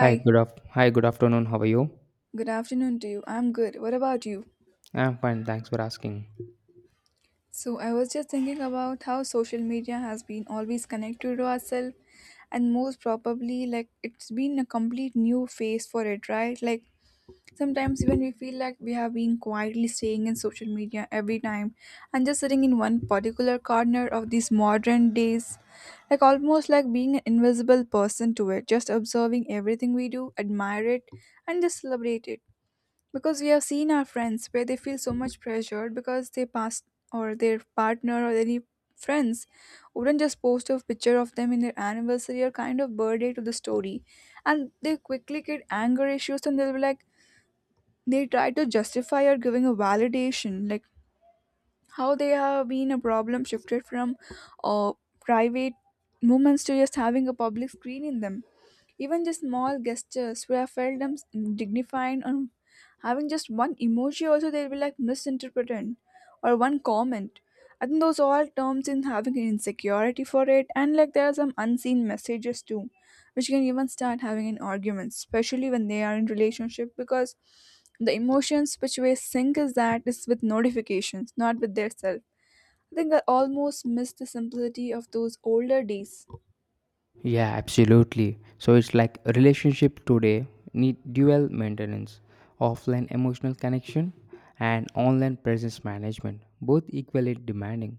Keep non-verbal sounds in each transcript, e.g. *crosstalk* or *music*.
Hi, good afternoon. How are you? good afternoon to you. I'm good. What about you? I'm fine, thanks for asking. So, I was just thinking about how social media has been always connected to ourselves, and most probably, like, it's been a complete new phase for it, right? Like, sometimes even we feel like we have been quietly staying in social media every time and just sitting in one particular corner of these modern days, like, almost like being an invisible person to it, just observing everything we do, admire it, and just celebrate it because we have seen our friends where they feel so much pressured because they passed or their partner or any friends wouldn't just post a picture of them in their anniversary or kind of birthday to the story and they quickly get anger issues and they'll be like they try to justify or giving a validation like how they have been a problem shifted from uh, private moments to just having a public screen in them, even the small gestures were seldom dignified, and having just one emoji also they'll be like misinterpreted, or one comment. I think those all terms in having an insecurity for it, and like there are some unseen messages too, which can even start having an argument, especially when they are in relationship because the emotions which we sync is with notifications, not with their self. I think I almost miss the simplicity of those older days. Yeah, absolutely. So it's like a relationship today need dual maintenance, offline emotional connection and online presence management, both equally demanding.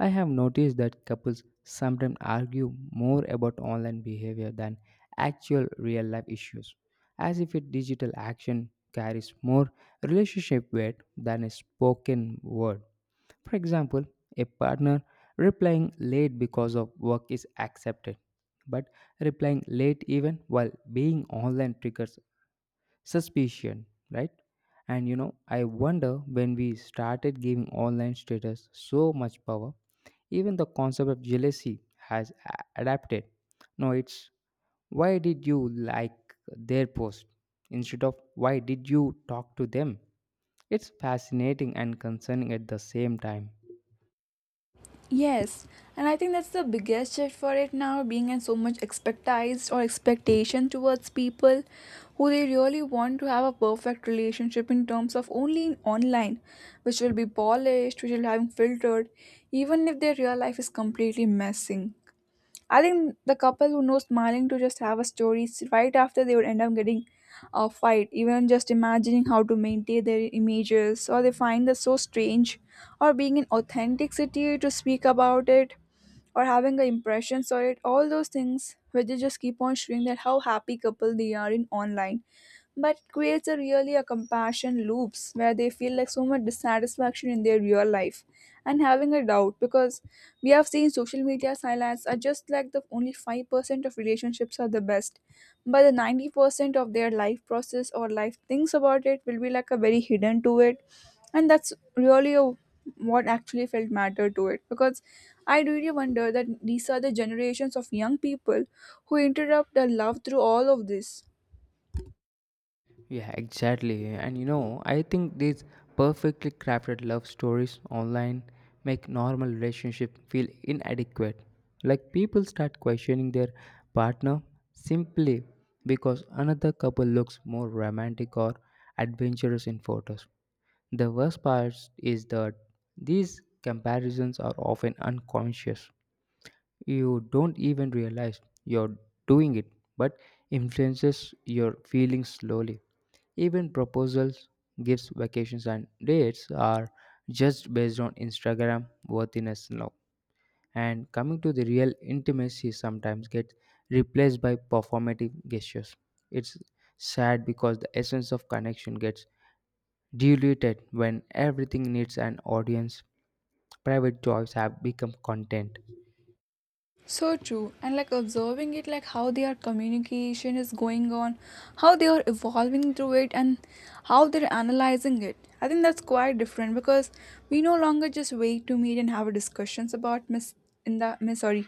I have noticed that couples sometimes argue more about online behavior than actual real life issues, as if a digital action carries more relationship weight than a spoken word. For example, a partner replying late because of work is accepted but replying late even while being online triggers suspicion, right. And you know, I wonder when we started giving online status so much power. Even the concept of jealousy adapted. No, it's why did you like their post instead of why did you talk to them. It's fascinating and concerning at the same time. Yes, and I think that's the biggest shift for it now, being in so much expectized or expectation towards people who they really want to have a perfect relationship in terms of only in online, which will be polished, which will have filtered, even if their real life is completely messing. I think the couple who knows smiling to just have a story right after they would end up getting a fight, even just imagining how to maintain their images, or they find this so strange, or being in authenticity to speak about it, or having a impression or it, all those things where they just keep on showing that how happy couple they are in online, but it creates a really a compassion loops where they feel like so much dissatisfaction in their real life and having a doubt because we have seen social media silence are just like the only 5% of relationships are the best but the 90% of their life process or life things about it will be like a very hidden to it. And that's really a, what actually felt matter to it because I really wonder that these are the generations of young people who interrupt their love through all of this. Yeah, exactly. And you know, I think these perfectly crafted love stories online make normal relationship feel inadequate. Like, people start questioning their partner simply because another couple looks more romantic or adventurous in photos. The worst part is that these comparisons are often unconscious. You don't even realize you're doing it, but influences your feelings slowly. Even proposals, gifts, vacations, and dates are just based on Instagram worthiness now. And coming to the real intimacy sometimes gets replaced by performative gestures. It's sad because the essence of connection gets diluted when everything needs an audience. Private joys have become content. So true, and like observing it, like how their communication is going on, how they are evolving through it, and how they're analyzing it. I think that's quite different because we no longer just wait to meet and have discussions about mis in the mis sorry,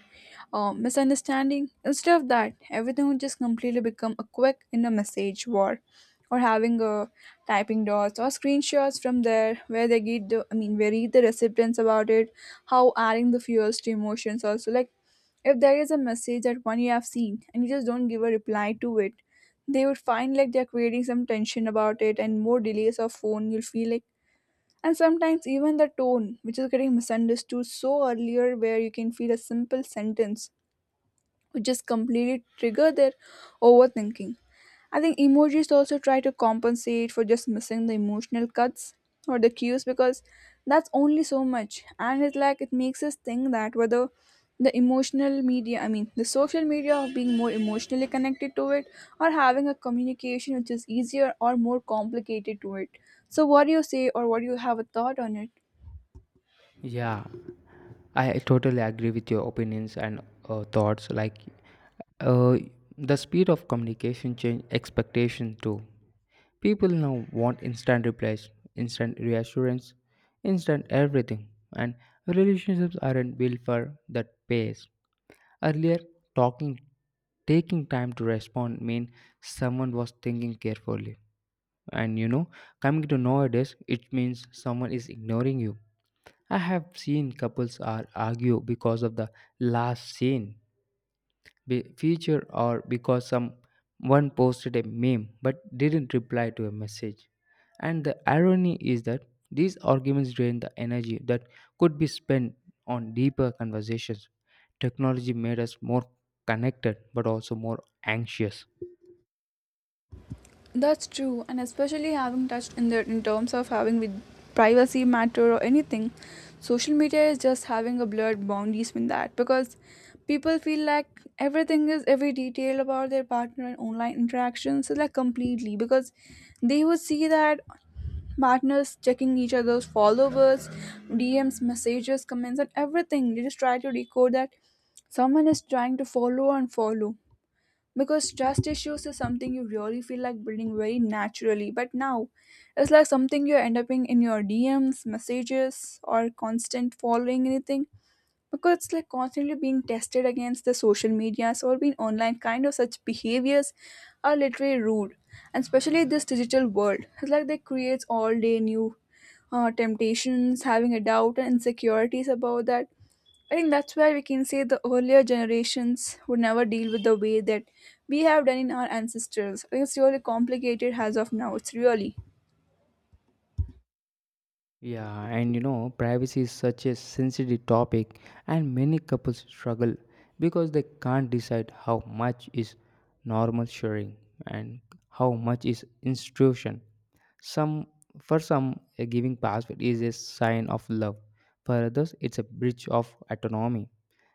misunderstanding. Instead of that, everything would just completely become a quick in a message war, or having a typing dots or screenshots from there where they get where read the recipients about it, how adding the fuels to emotions also, like if there is a message that one you have seen and you just don't give a reply to it, they would find like they're creating some tension about it, and more delays of phone you'll feel like. And sometimes even the tone which is getting misunderstood, so earlier where you can feel a simple sentence which just completely trigger their overthinking. I think emojis also try to compensate for just missing the emotional cuts or the cues, because that's only so much. And it's like it makes us think that whether the emotional media, I mean, the social media of being more emotionally connected to it, or having a communication which is easier or more complicated to it. So, what do you say, or what do you have a thought on it? Yeah, I totally agree with your opinions and thoughts. Uh, the speed of communication change expectation too. People now want instant replies, instant reassurance, instant everything, and relationships aren't built for that pace. Earlier, talking taking time to respond mean someone was thinking carefully. And you know, coming to nowadays, it means someone is ignoring you. I have seen couples are argue because of the last scene be feature or because someone posted a meme but didn't reply to a message. And the irony is that these arguments drain the energy that could be spent on deeper conversations. Technology made us more connected but also more anxious. That's true, and especially having touched in the in terms of having with privacy matter or anything, social media is just having a blurred boundaries with that because people feel like everything is every detail about their partner and online interactions is like completely, because they would see that partners checking each other's followers, DMs, messages, comments, and everything. They just try to decode that someone is trying to follow and follow, because trust issues is something you really feel like building very naturally, but now it's like something you are end up in your dms messages or constant following anything, because it's like constantly being tested against the social medias, or being online kind of such behaviors are literally rude. And especially this digital world, it's like they creates all day new temptations, having a doubt and insecurities about that. I think that's why we can say the earlier generations would never deal with the way that we have done in our ancestors. I think it's really complicated as of now, it's really. Yeah, and you know, privacy is such a sensitive topic, and many couples struggle because they can't decide how much is normal sharing and how much is intrusion. Some For some, a giving password is a sign of love. For others, it's a breach of autonomy.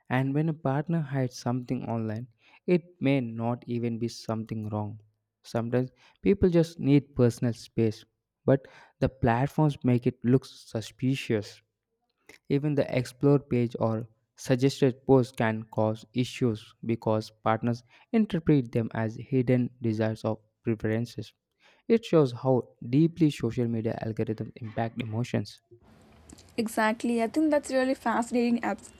And when a partner hides something online, it may not even be something wrong. Sometimes people just need personal space, but the platforms make it look suspicious. Even the explore page or suggested posts can cause issues because partners interpret them as hidden desires or preferences. It shows how deeply social media algorithms impact emotions. Exactly. I think that's really fascinating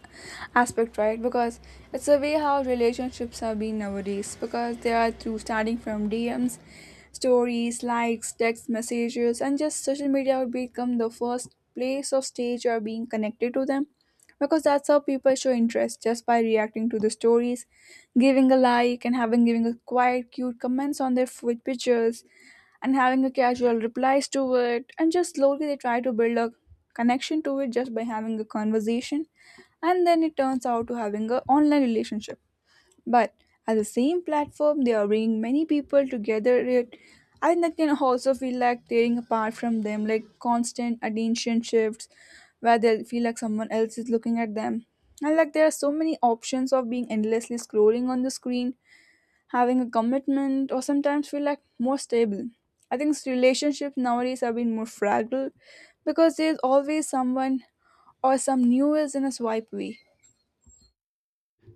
aspect, right? Because it's the way how relationships are being nowadays. Because they are through starting from DMs, stories, likes, text messages, and just social media would become the first place of stage you are being connected to them, because that's how people show interest just by reacting to the stories, giving a like, and having giving a quiet cute comments on their food pictures, and having a casual replies to it, and just slowly they try to build a connection to it just by having a conversation, and then it turns out to having a online relationship. But at the same platform, they are bringing many people together. It, I think that can also feel like tearing apart from them, like constant attention shifts, where they feel like someone else is looking at them. And like there are so many options of being endlessly scrolling on the screen, having a commitment, or sometimes feel like more stable. I think relationships nowadays have been more fragile because there's always someone or some new is in a swipe way.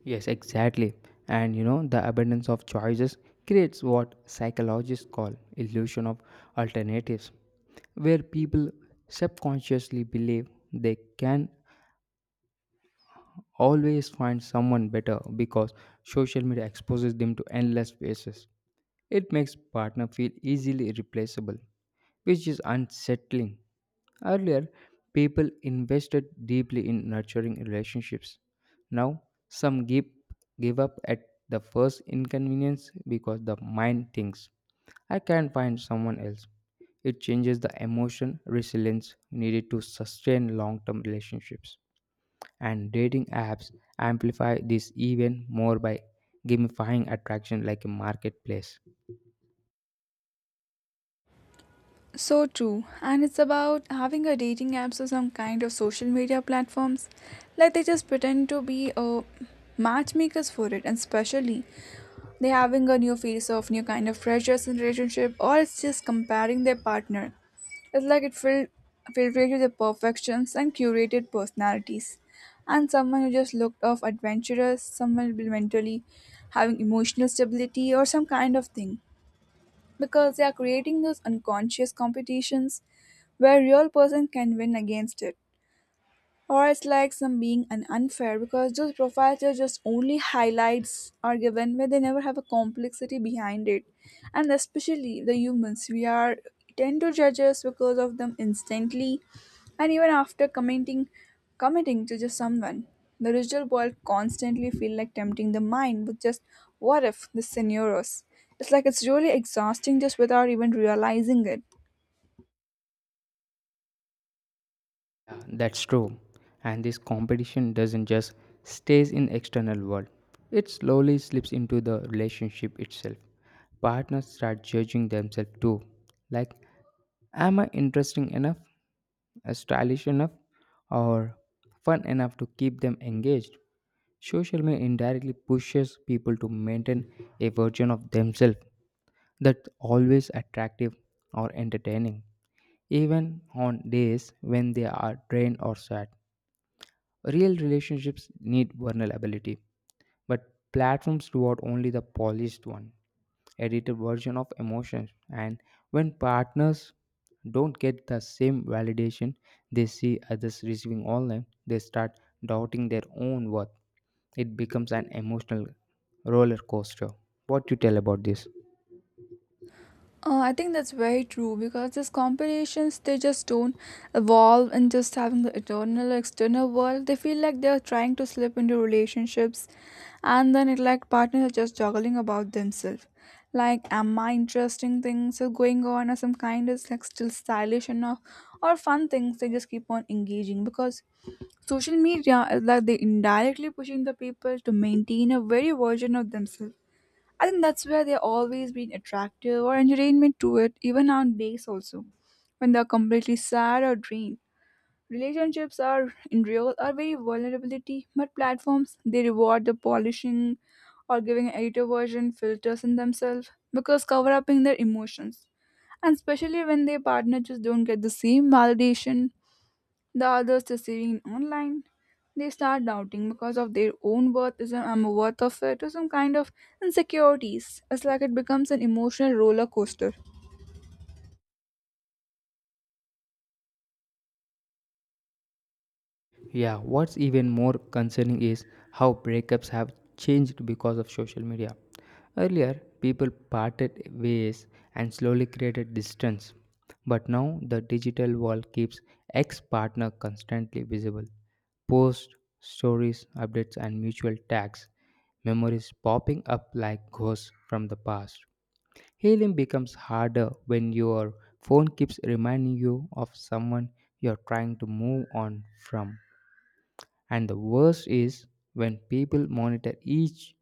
Yes, exactly. And you know, the abundance of choices creates what psychologists call illusion of alternatives, where people subconsciously believe they can always find someone better because social media exposes them to endless faces. It makes partner feel easily replaceable, which is unsettling. Earlier, people invested deeply in nurturing relationships. Now, some give, give up at the first inconvenience because the mind thinks, I can find someone else. It changes the emotion resilience needed to sustain long term relationships, and dating apps amplify this even more by gamifying attraction like a marketplace. So true, and it's about having a dating apps or some kind of social media platforms. Like they just pretend to be a matchmakers for it, and especially they having a new face of new kind of pressures in relationship, or it's just comparing their partner. It's like it filled filtrated the perfections and curated personalities. And someone who just looked off adventurous, someone will be mentally having emotional stability or some kind of thing, because they are creating those unconscious competitions where real person can win against it, or it's like some being an unfair because those profiles are just only highlights are given where they never have a complexity behind it. And especially the humans we are tend to judge us because of them instantly, and even after commenting committing to just someone, the digital world constantly feel like tempting the mind with just what if the scenarios. It's like it's really exhausting just without even realizing it. Yeah, that's true. And this competition doesn't just stays in external world. It slowly slips into the relationship itself. Partners start judging themselves too. Like, am I interesting enough? Stylish enough or fun enough to keep them engaged? Social media indirectly pushes people to maintain a version of themselves that's always attractive or entertaining even on days when they are drained or sad. Real relationships need vulnerability, but platforms reward only the polished one, edited version of emotions. And when partners don't get the same validation they see others receiving online, they start doubting their own worth. It becomes an emotional roller coaster. What you tell about this? I think that's very true because these competitions they just don't evolve in just having the internal external world. They feel like they're trying to slip into relationships, and then it like partners are just juggling about themselves. Like am I interesting things are going on, or some kind is like still stylish enough or fun things they just keep on engaging, because social media is like they indirectly pushing the people to maintain a very version of themselves. I think that's where they're always being attractive or entertainment to it, even on days also. When they're completely sad or drained. Relationships are in real are very vulnerability, but platforms they reward the polishing or giving an editor version filters in themselves because cover upping their emotions. And especially when their partner just don't get the same validation the others receiving online. They start doubting because of their own worthism and worth of it or some kind of insecurities. It's like it becomes an emotional roller coaster. Yeah, what's even more concerning is how breakups have changed because of social media. Earlier, people parted ways and slowly created distance. But now, the digital world keeps ex partner constantly visible. Posts, stories, updates, and mutual tags, memories popping up like ghosts from the past. Healing becomes harder when your phone keeps reminding you of someone you're trying to move on from. And the worst is when people monitor each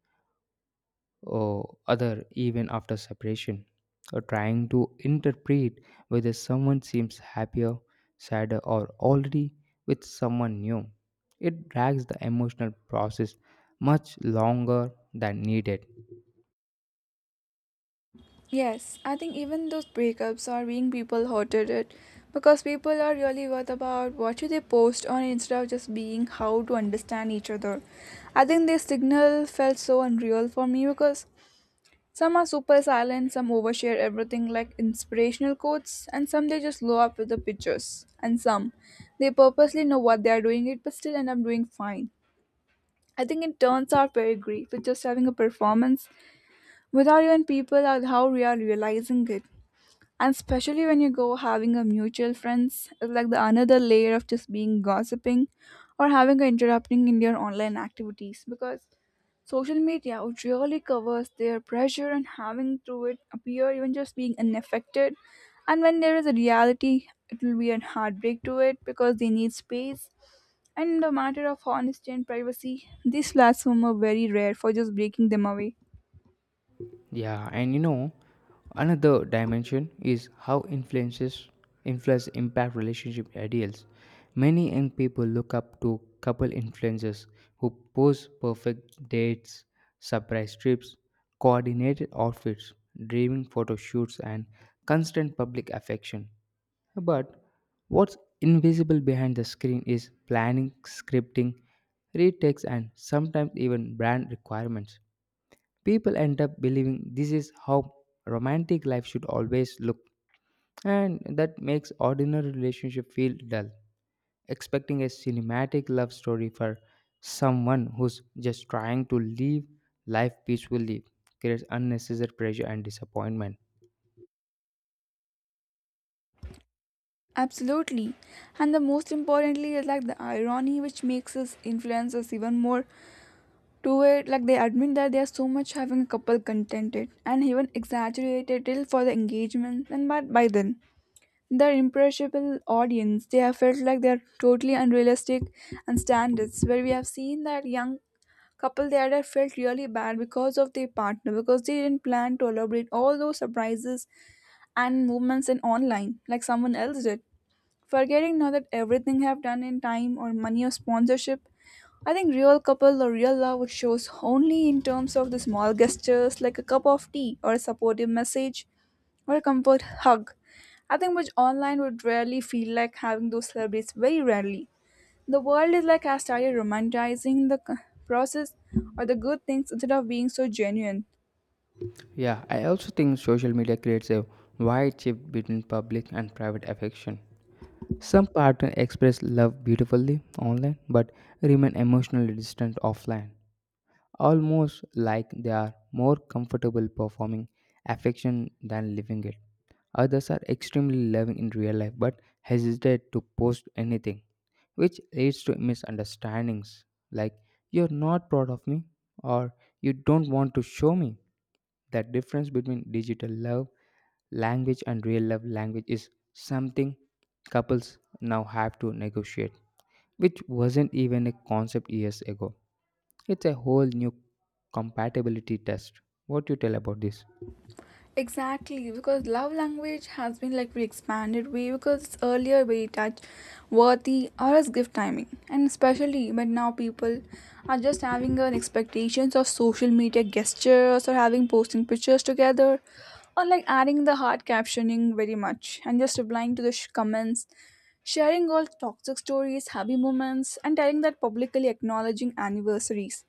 uh, other even after separation, or trying to interpret whether someone seems happier, sadder, or already with someone new. It drags the emotional process much longer than needed. Yes, I think even those breakups are being people hurted it, because people are really worth about what should they post on instead of just being how to understand each other. I think this signal felt so unreal for me because some are super silent, some overshare everything like inspirational quotes, and some they just blow up with the pictures. And some, they purposely know what they are doing it, but still end up doing fine. I think it turns out very great with just having a performance without even people or how we are realizing it. And especially when you go having a mutual friends, it's like the another layer of just being gossiping or having a interrupting in your online activities, because social media would really covers their pressure and having through it appear even just being unaffected. And when there is a reality, it will be a heartbreak to it because they need space. And in the matter of honesty and privacy, these platforms are very rare for just breaking them away. Yeah, and you know, another dimension is how influence impact relationship ideals. Many young people look up to couple influencers who pose perfect dates, surprise trips, coordinated outfits, dreaming photo shoots, and constant public affection. But what's invisible behind the screen is planning, scripting, retakes, and sometimes even brand requirements. People end up believing this is how romantic life should always look, and that makes ordinary relationship feel dull. Expecting a cinematic love story for someone who's just trying to live life peacefully creates unnecessary pressure and disappointment. Absolutely. And the most importantly is like the irony which makes us influencers even more to it. Like they admit that they are so much having a couple contented and even exaggerated till for the engagement and but by then. Their impressionable audience they have felt like they're totally unrealistic and standards where we have seen that young couple there had felt really bad because of their partner because they didn't plan to elaborate all those surprises and movements in online like someone else did, forgetting now that everything have done in time or money or sponsorship. I think real couple or real love shows only in terms of the small gestures like a cup of tea or a supportive message or a comfort hug. I think which online would rarely feel like having those celebrities, very rarely. The world is like has started romanticizing the process or the good things instead of being so genuine. Yeah, I also think social media creates a wide shift between public and private affection. Some partners express love beautifully online but remain emotionally distant offline, almost like they are more comfortable performing affection than living it. Others are extremely loving in real life but hesitate to post anything, which leads to misunderstandings like, you're not proud of me, or, you don't want to show me. The difference between digital love language and real love language is something couples now have to negotiate, which wasn't even a concept years ago. It's a whole new compatibility test. What you tell about this? Exactly, because love language has been like re-expanded way because it's earlier we touch worthy or as gift timing, and especially but now people are just having an expectations of social media gestures or having posting pictures together, or like adding the hard captioning very much and just replying to the comments, sharing all toxic stories, happy moments, and telling that publicly acknowledging anniversaries.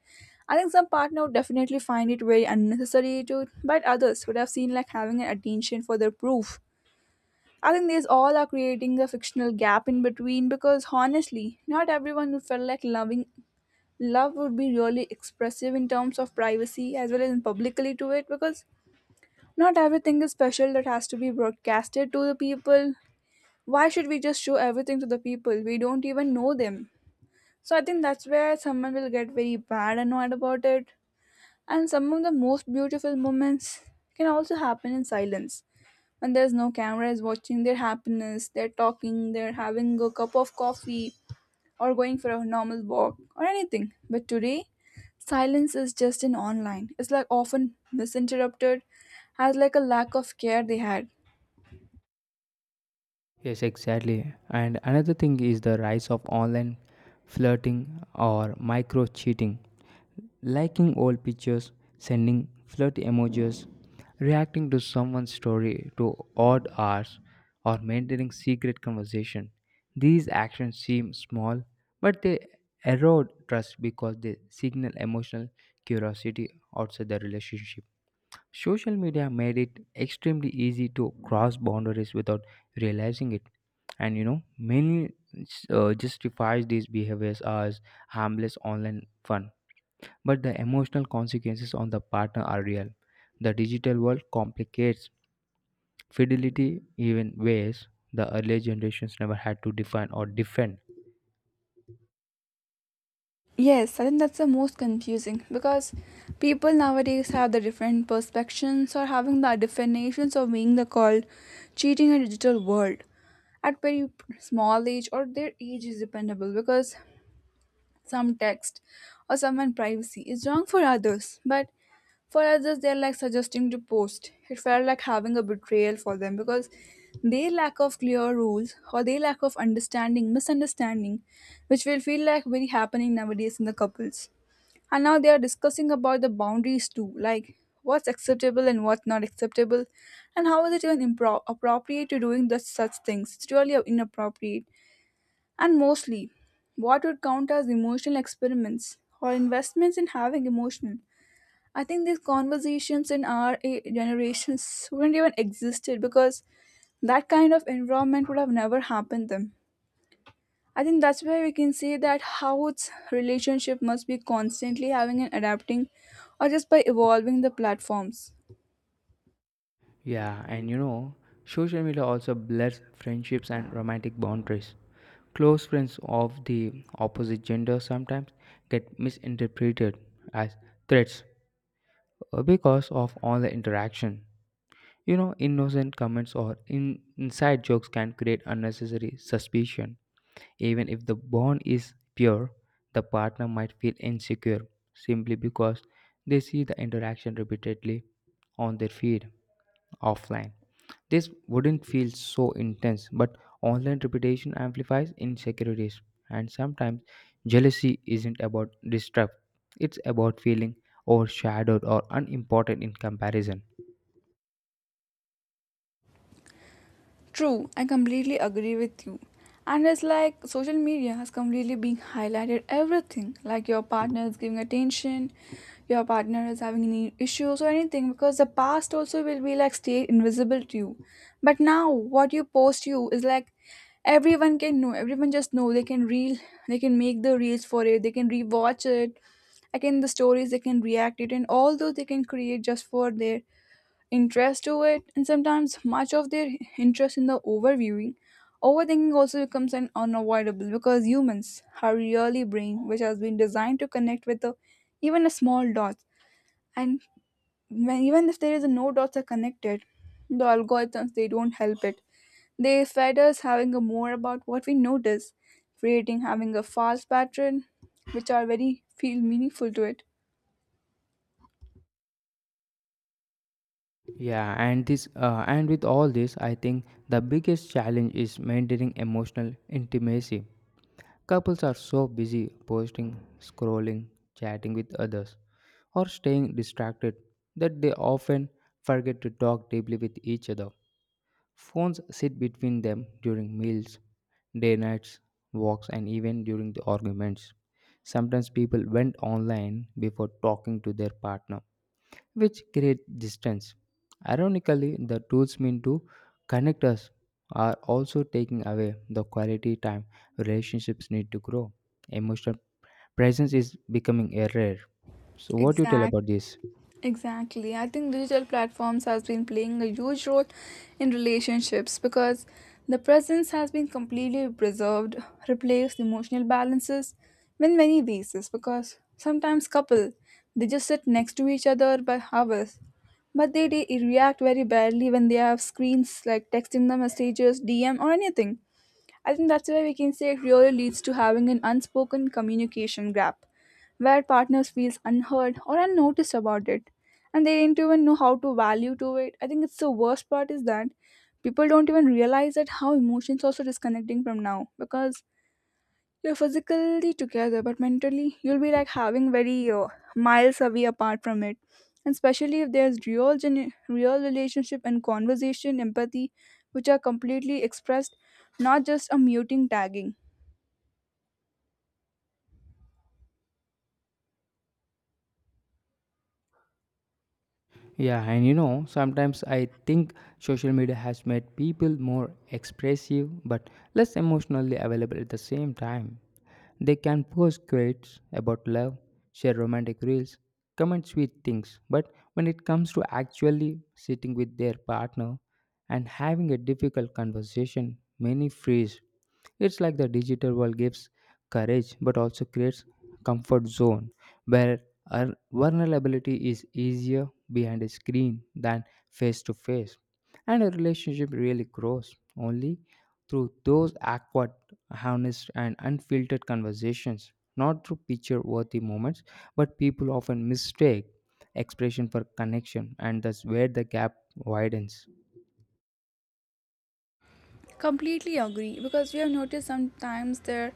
I think some partner would definitely find it very unnecessary to, but others would have seen like having an attention for their proof. I think these all are creating a fictional gap in between because honestly, not everyone would feel like loving love would be really expressive in terms of privacy as well as in publicly to it because not everything is special that has to be broadcasted to the people. Why should we just show everything to the people? We don't even know them. So I think that's where someone will get very bad annoyed about it. And some of the most beautiful moments can also happen in silence. When there's no cameras watching their happiness, they're talking, they're having a cup of coffee, or going for a normal walk, or anything. But today, silence is just in online. It's like often misinterpreted as like a lack of care they had. Yes, exactly. And another thing is the rise of online flirting or micro cheating. Liking old pictures, sending flirt emojis, reacting to someone's story to odd hours, or maintaining secret conversation. These actions seem small, but they erode trust because they signal emotional curiosity outside the relationship. Social media made it extremely easy to cross boundaries without realizing it. And you know, many justifies these behaviors as harmless online fun, but the emotional consequences on the partner are real. The digital world complicates fidelity even ways the earlier generations never had to define or defend. Yes, I think that's the most confusing because people nowadays have the different perspectives or having the definitions of being the called cheating in a digital world. At very small age or their age is dependable because some text or someone privacy is wrong for others, but for others they're like suggesting to post it felt like having a betrayal for them because they lack of clear rules or they lack of understanding misunderstanding which will feel like very happening nowadays in the couples, and now they are discussing about the boundaries too, like what's acceptable and what's not acceptable and how is it even appropriate to doing the, such things it's really inappropriate. And mostly, what would count as emotional experiments or investments in having emotional. I think these conversations in our generations *laughs* wouldn't even existed because that kind of environment would have never happened them. I think that's why we can say that how its relationship must be constantly having and adapting or just by evolving the platforms. Yeah, and you know, social media also blurs friendships and romantic boundaries. Close friends of the opposite gender sometimes get misinterpreted as threats, because of all the interaction. You know, innocent comments or inside jokes can create unnecessary suspicion. Even if the bond is pure, the partner might feel insecure simply because they see the interaction repeatedly on their feed offline. This wouldn't feel so intense, but online reputation amplifies insecurities, and sometimes jealousy isn't about distrust, it's about feeling overshadowed or unimportant in comparison. True, I completely agree with you. And it's like social media has completely been highlighted everything, like your partner is giving attention, your partner is having any issues or anything, because the past also will be like stay invisible to you. But now what you post you is like everyone can know, everyone just know they can reel, they can make the reels for it, they can rewatch it, again the stories they can react it, and all those they can create just for their interest to it, and sometimes much of their interest in the overviewing overthinking also becomes an unavoidable because humans our really brain which has been designed to connect with the, even a small dots, and when, even if there is a no dots are connected, the algorithms they don't help it, they fed us having a more about what we notice, creating having a false pattern which are very feel meaningful to it. And with all this, I think the biggest challenge is maintaining emotional intimacy. Couples are so busy posting, scrolling, chatting with others, or staying distracted that they often forget to talk deeply with each other. Phones sit between them during meals, day nights, walks, and even during the arguments. Sometimes people went online before talking to their partner, which creates distance. Ironically, the tools meant to connect us are also taking away the quality time relationships need to grow. Emotional presence is becoming a rare. So, what do you tell Exactly. about this? Exactly. I think digital platforms has been playing a huge role in relationships because the presence has been completely preserved, replaced emotional balances in many bases because sometimes couple they just sit next to each other by hours, but they react very badly when they have screens like texting them messages dm or anything. I think that's where we can say it really leads to having an unspoken communication gap where partners feels unheard or unnoticed about it, and they don't even know how to value to it. I think it's the worst part is that people don't even realize that how emotions also disconnecting from now because you're physically together, but mentally, you'll be like having very miles away apart from it. And especially if there's real, real relationship and conversation, empathy, which are completely expressed, not just a muting tagging. Yeah, and you know, sometimes I think social media has made people more expressive but less emotionally available at the same time. They can post quotes about love, share romantic reels, comment sweet things, but when it comes to actually sitting with their partner and having a difficult conversation, many freeze. It's like the digital world gives courage but also creates comfort zone where our vulnerability is easier behind a screen than face to face, and a relationship really grows only through those awkward, honest, and unfiltered conversations, not through picture worthy moments, but people often mistake expression for connection, and that's where the gap widens. Completely agree because we have noticed sometimes there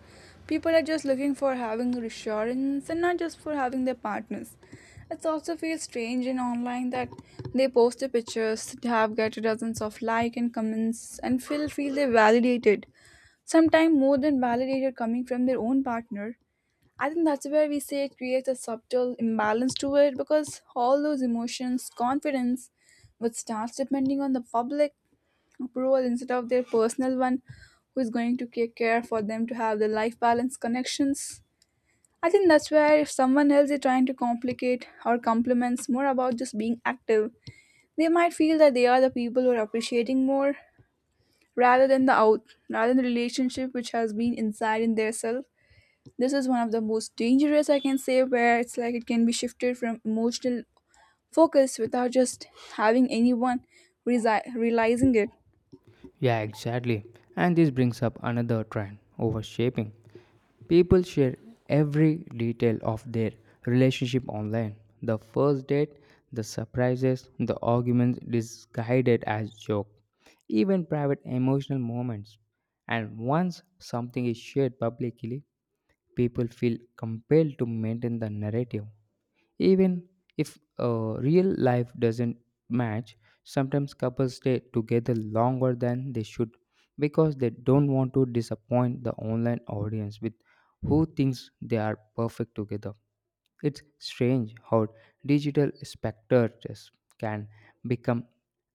people are just looking for having reassurance and not just for having their partners. It also feels strange in online that they post the pictures, have get dozens of like and comments and feel they validated. Sometimes more than validated coming from their own partner. I think that's where we say it creates a subtle imbalance to it because all those emotions, confidence, which starts depending on the public approval instead of their personal one, who is going to take care for them to have the life balance connections. I think that's where if someone else is trying to complicate or compliments more about just being active, they might feel that they are the people who are appreciating more rather than the out, rather than the relationship which has been inside in their self. This is one of the most dangerous I can say, where it's like it can be shifted from emotional focus without just having anyone realizing it. Yeah, exactly. And this brings up another trend overshaping. People share every detail of their relationship online, the first date, the surprises, the arguments disguised as joke, even private emotional moments. And once something is shared publicly, people feel compelled to maintain the narrative. Even if real life doesn't match, sometimes couples stay together longer than they should because they don't want to disappoint the online audience with who thinks they are perfect together. It's strange how digital spectators can become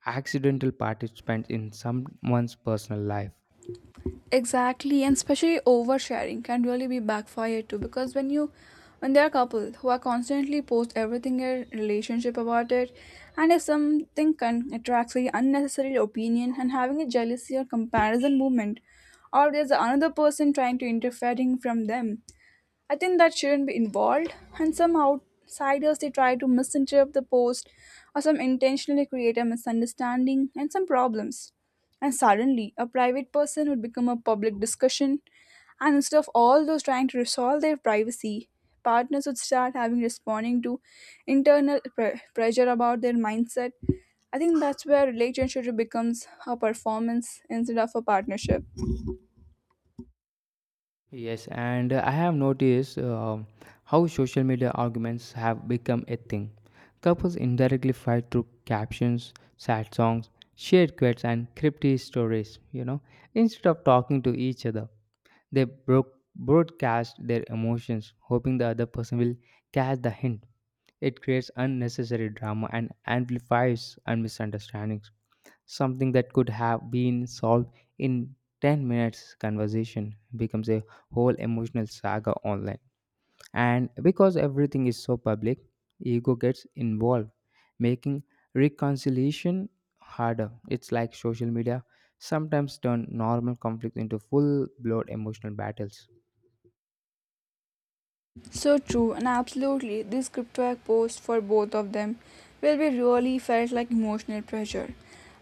accidental participants in someone's personal life. Exactly, and especially oversharing can really be backfire too because when you, when there are couples who are constantly post everything in a relationship about it, and if something can attracts very unnecessary opinion and having a jealousy or comparison movement, or there's another person trying to interfering from them, I think that shouldn't be involved, and some outsiders they try to misinterpret the post, or some intentionally create a misunderstanding and some problems. And suddenly, a private person would become a public discussion, and instead of all those trying to resolve their privacy, partners would start having responding to internal pressure about their mindset. I think that's where relationship becomes a performance instead of a partnership. Yes, and I have noticed how social media arguments have become a thing. Couples indirectly fight through captions, sad songs, shared quotes, and cryptic stories. You know, instead of talking to each other, they broke broadcast their emotions, hoping the other person will catch the hint. It creates unnecessary drama and amplifies and misunderstandings. Something that could have been solved in 10 minutes conversation becomes a whole emotional saga online. And because everything is so public, ego gets involved, making reconciliation harder. It's like social media sometimes turn normal conflicts into full blown emotional battles. So true, and absolutely, this crypto hack post for both of them will be really felt like emotional pressure.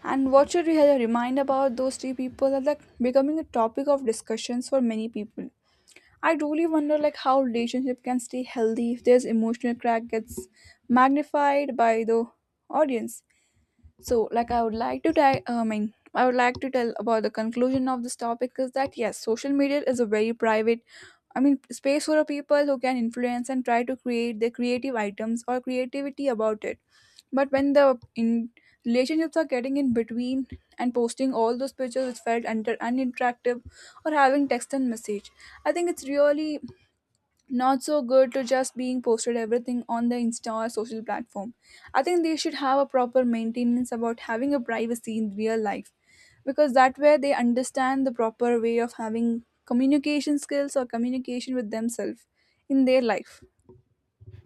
And what should we have a remind about those three people are like becoming a topic of discussions for many people. I truly wonder like how relationship can stay healthy if there's emotional crack gets magnified by the audience. So, like, I would like to, I would like to tell about the conclusion of this topic is that yes, social media is a very private, I mean, space for a people who can influence and try to create their creative items or creativity about it. But when the in relationships are getting in between and posting all those pictures which felt under uninteractive or having text and message, I think it's really not so good to just being posted everything on the insta or social platform. I think they should have a proper maintenance about having a privacy in real life, because that way they understand the proper way of having communication skills or communication with themselves in their life.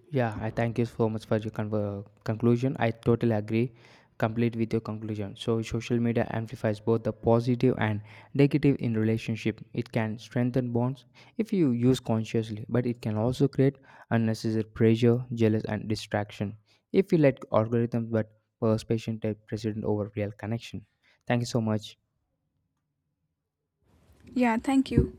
Yeah, I thank you so much for your conver conclusion. I totally agree, complete with your conclusion. So, social media amplifies both the positive and negative in relationship. It can strengthen bonds if you use consciously, but it can also create unnecessary pressure, jealous, and distraction if you let algorithms but persuasion take precedent over real connection. Thank you so much. Yeah, thank you.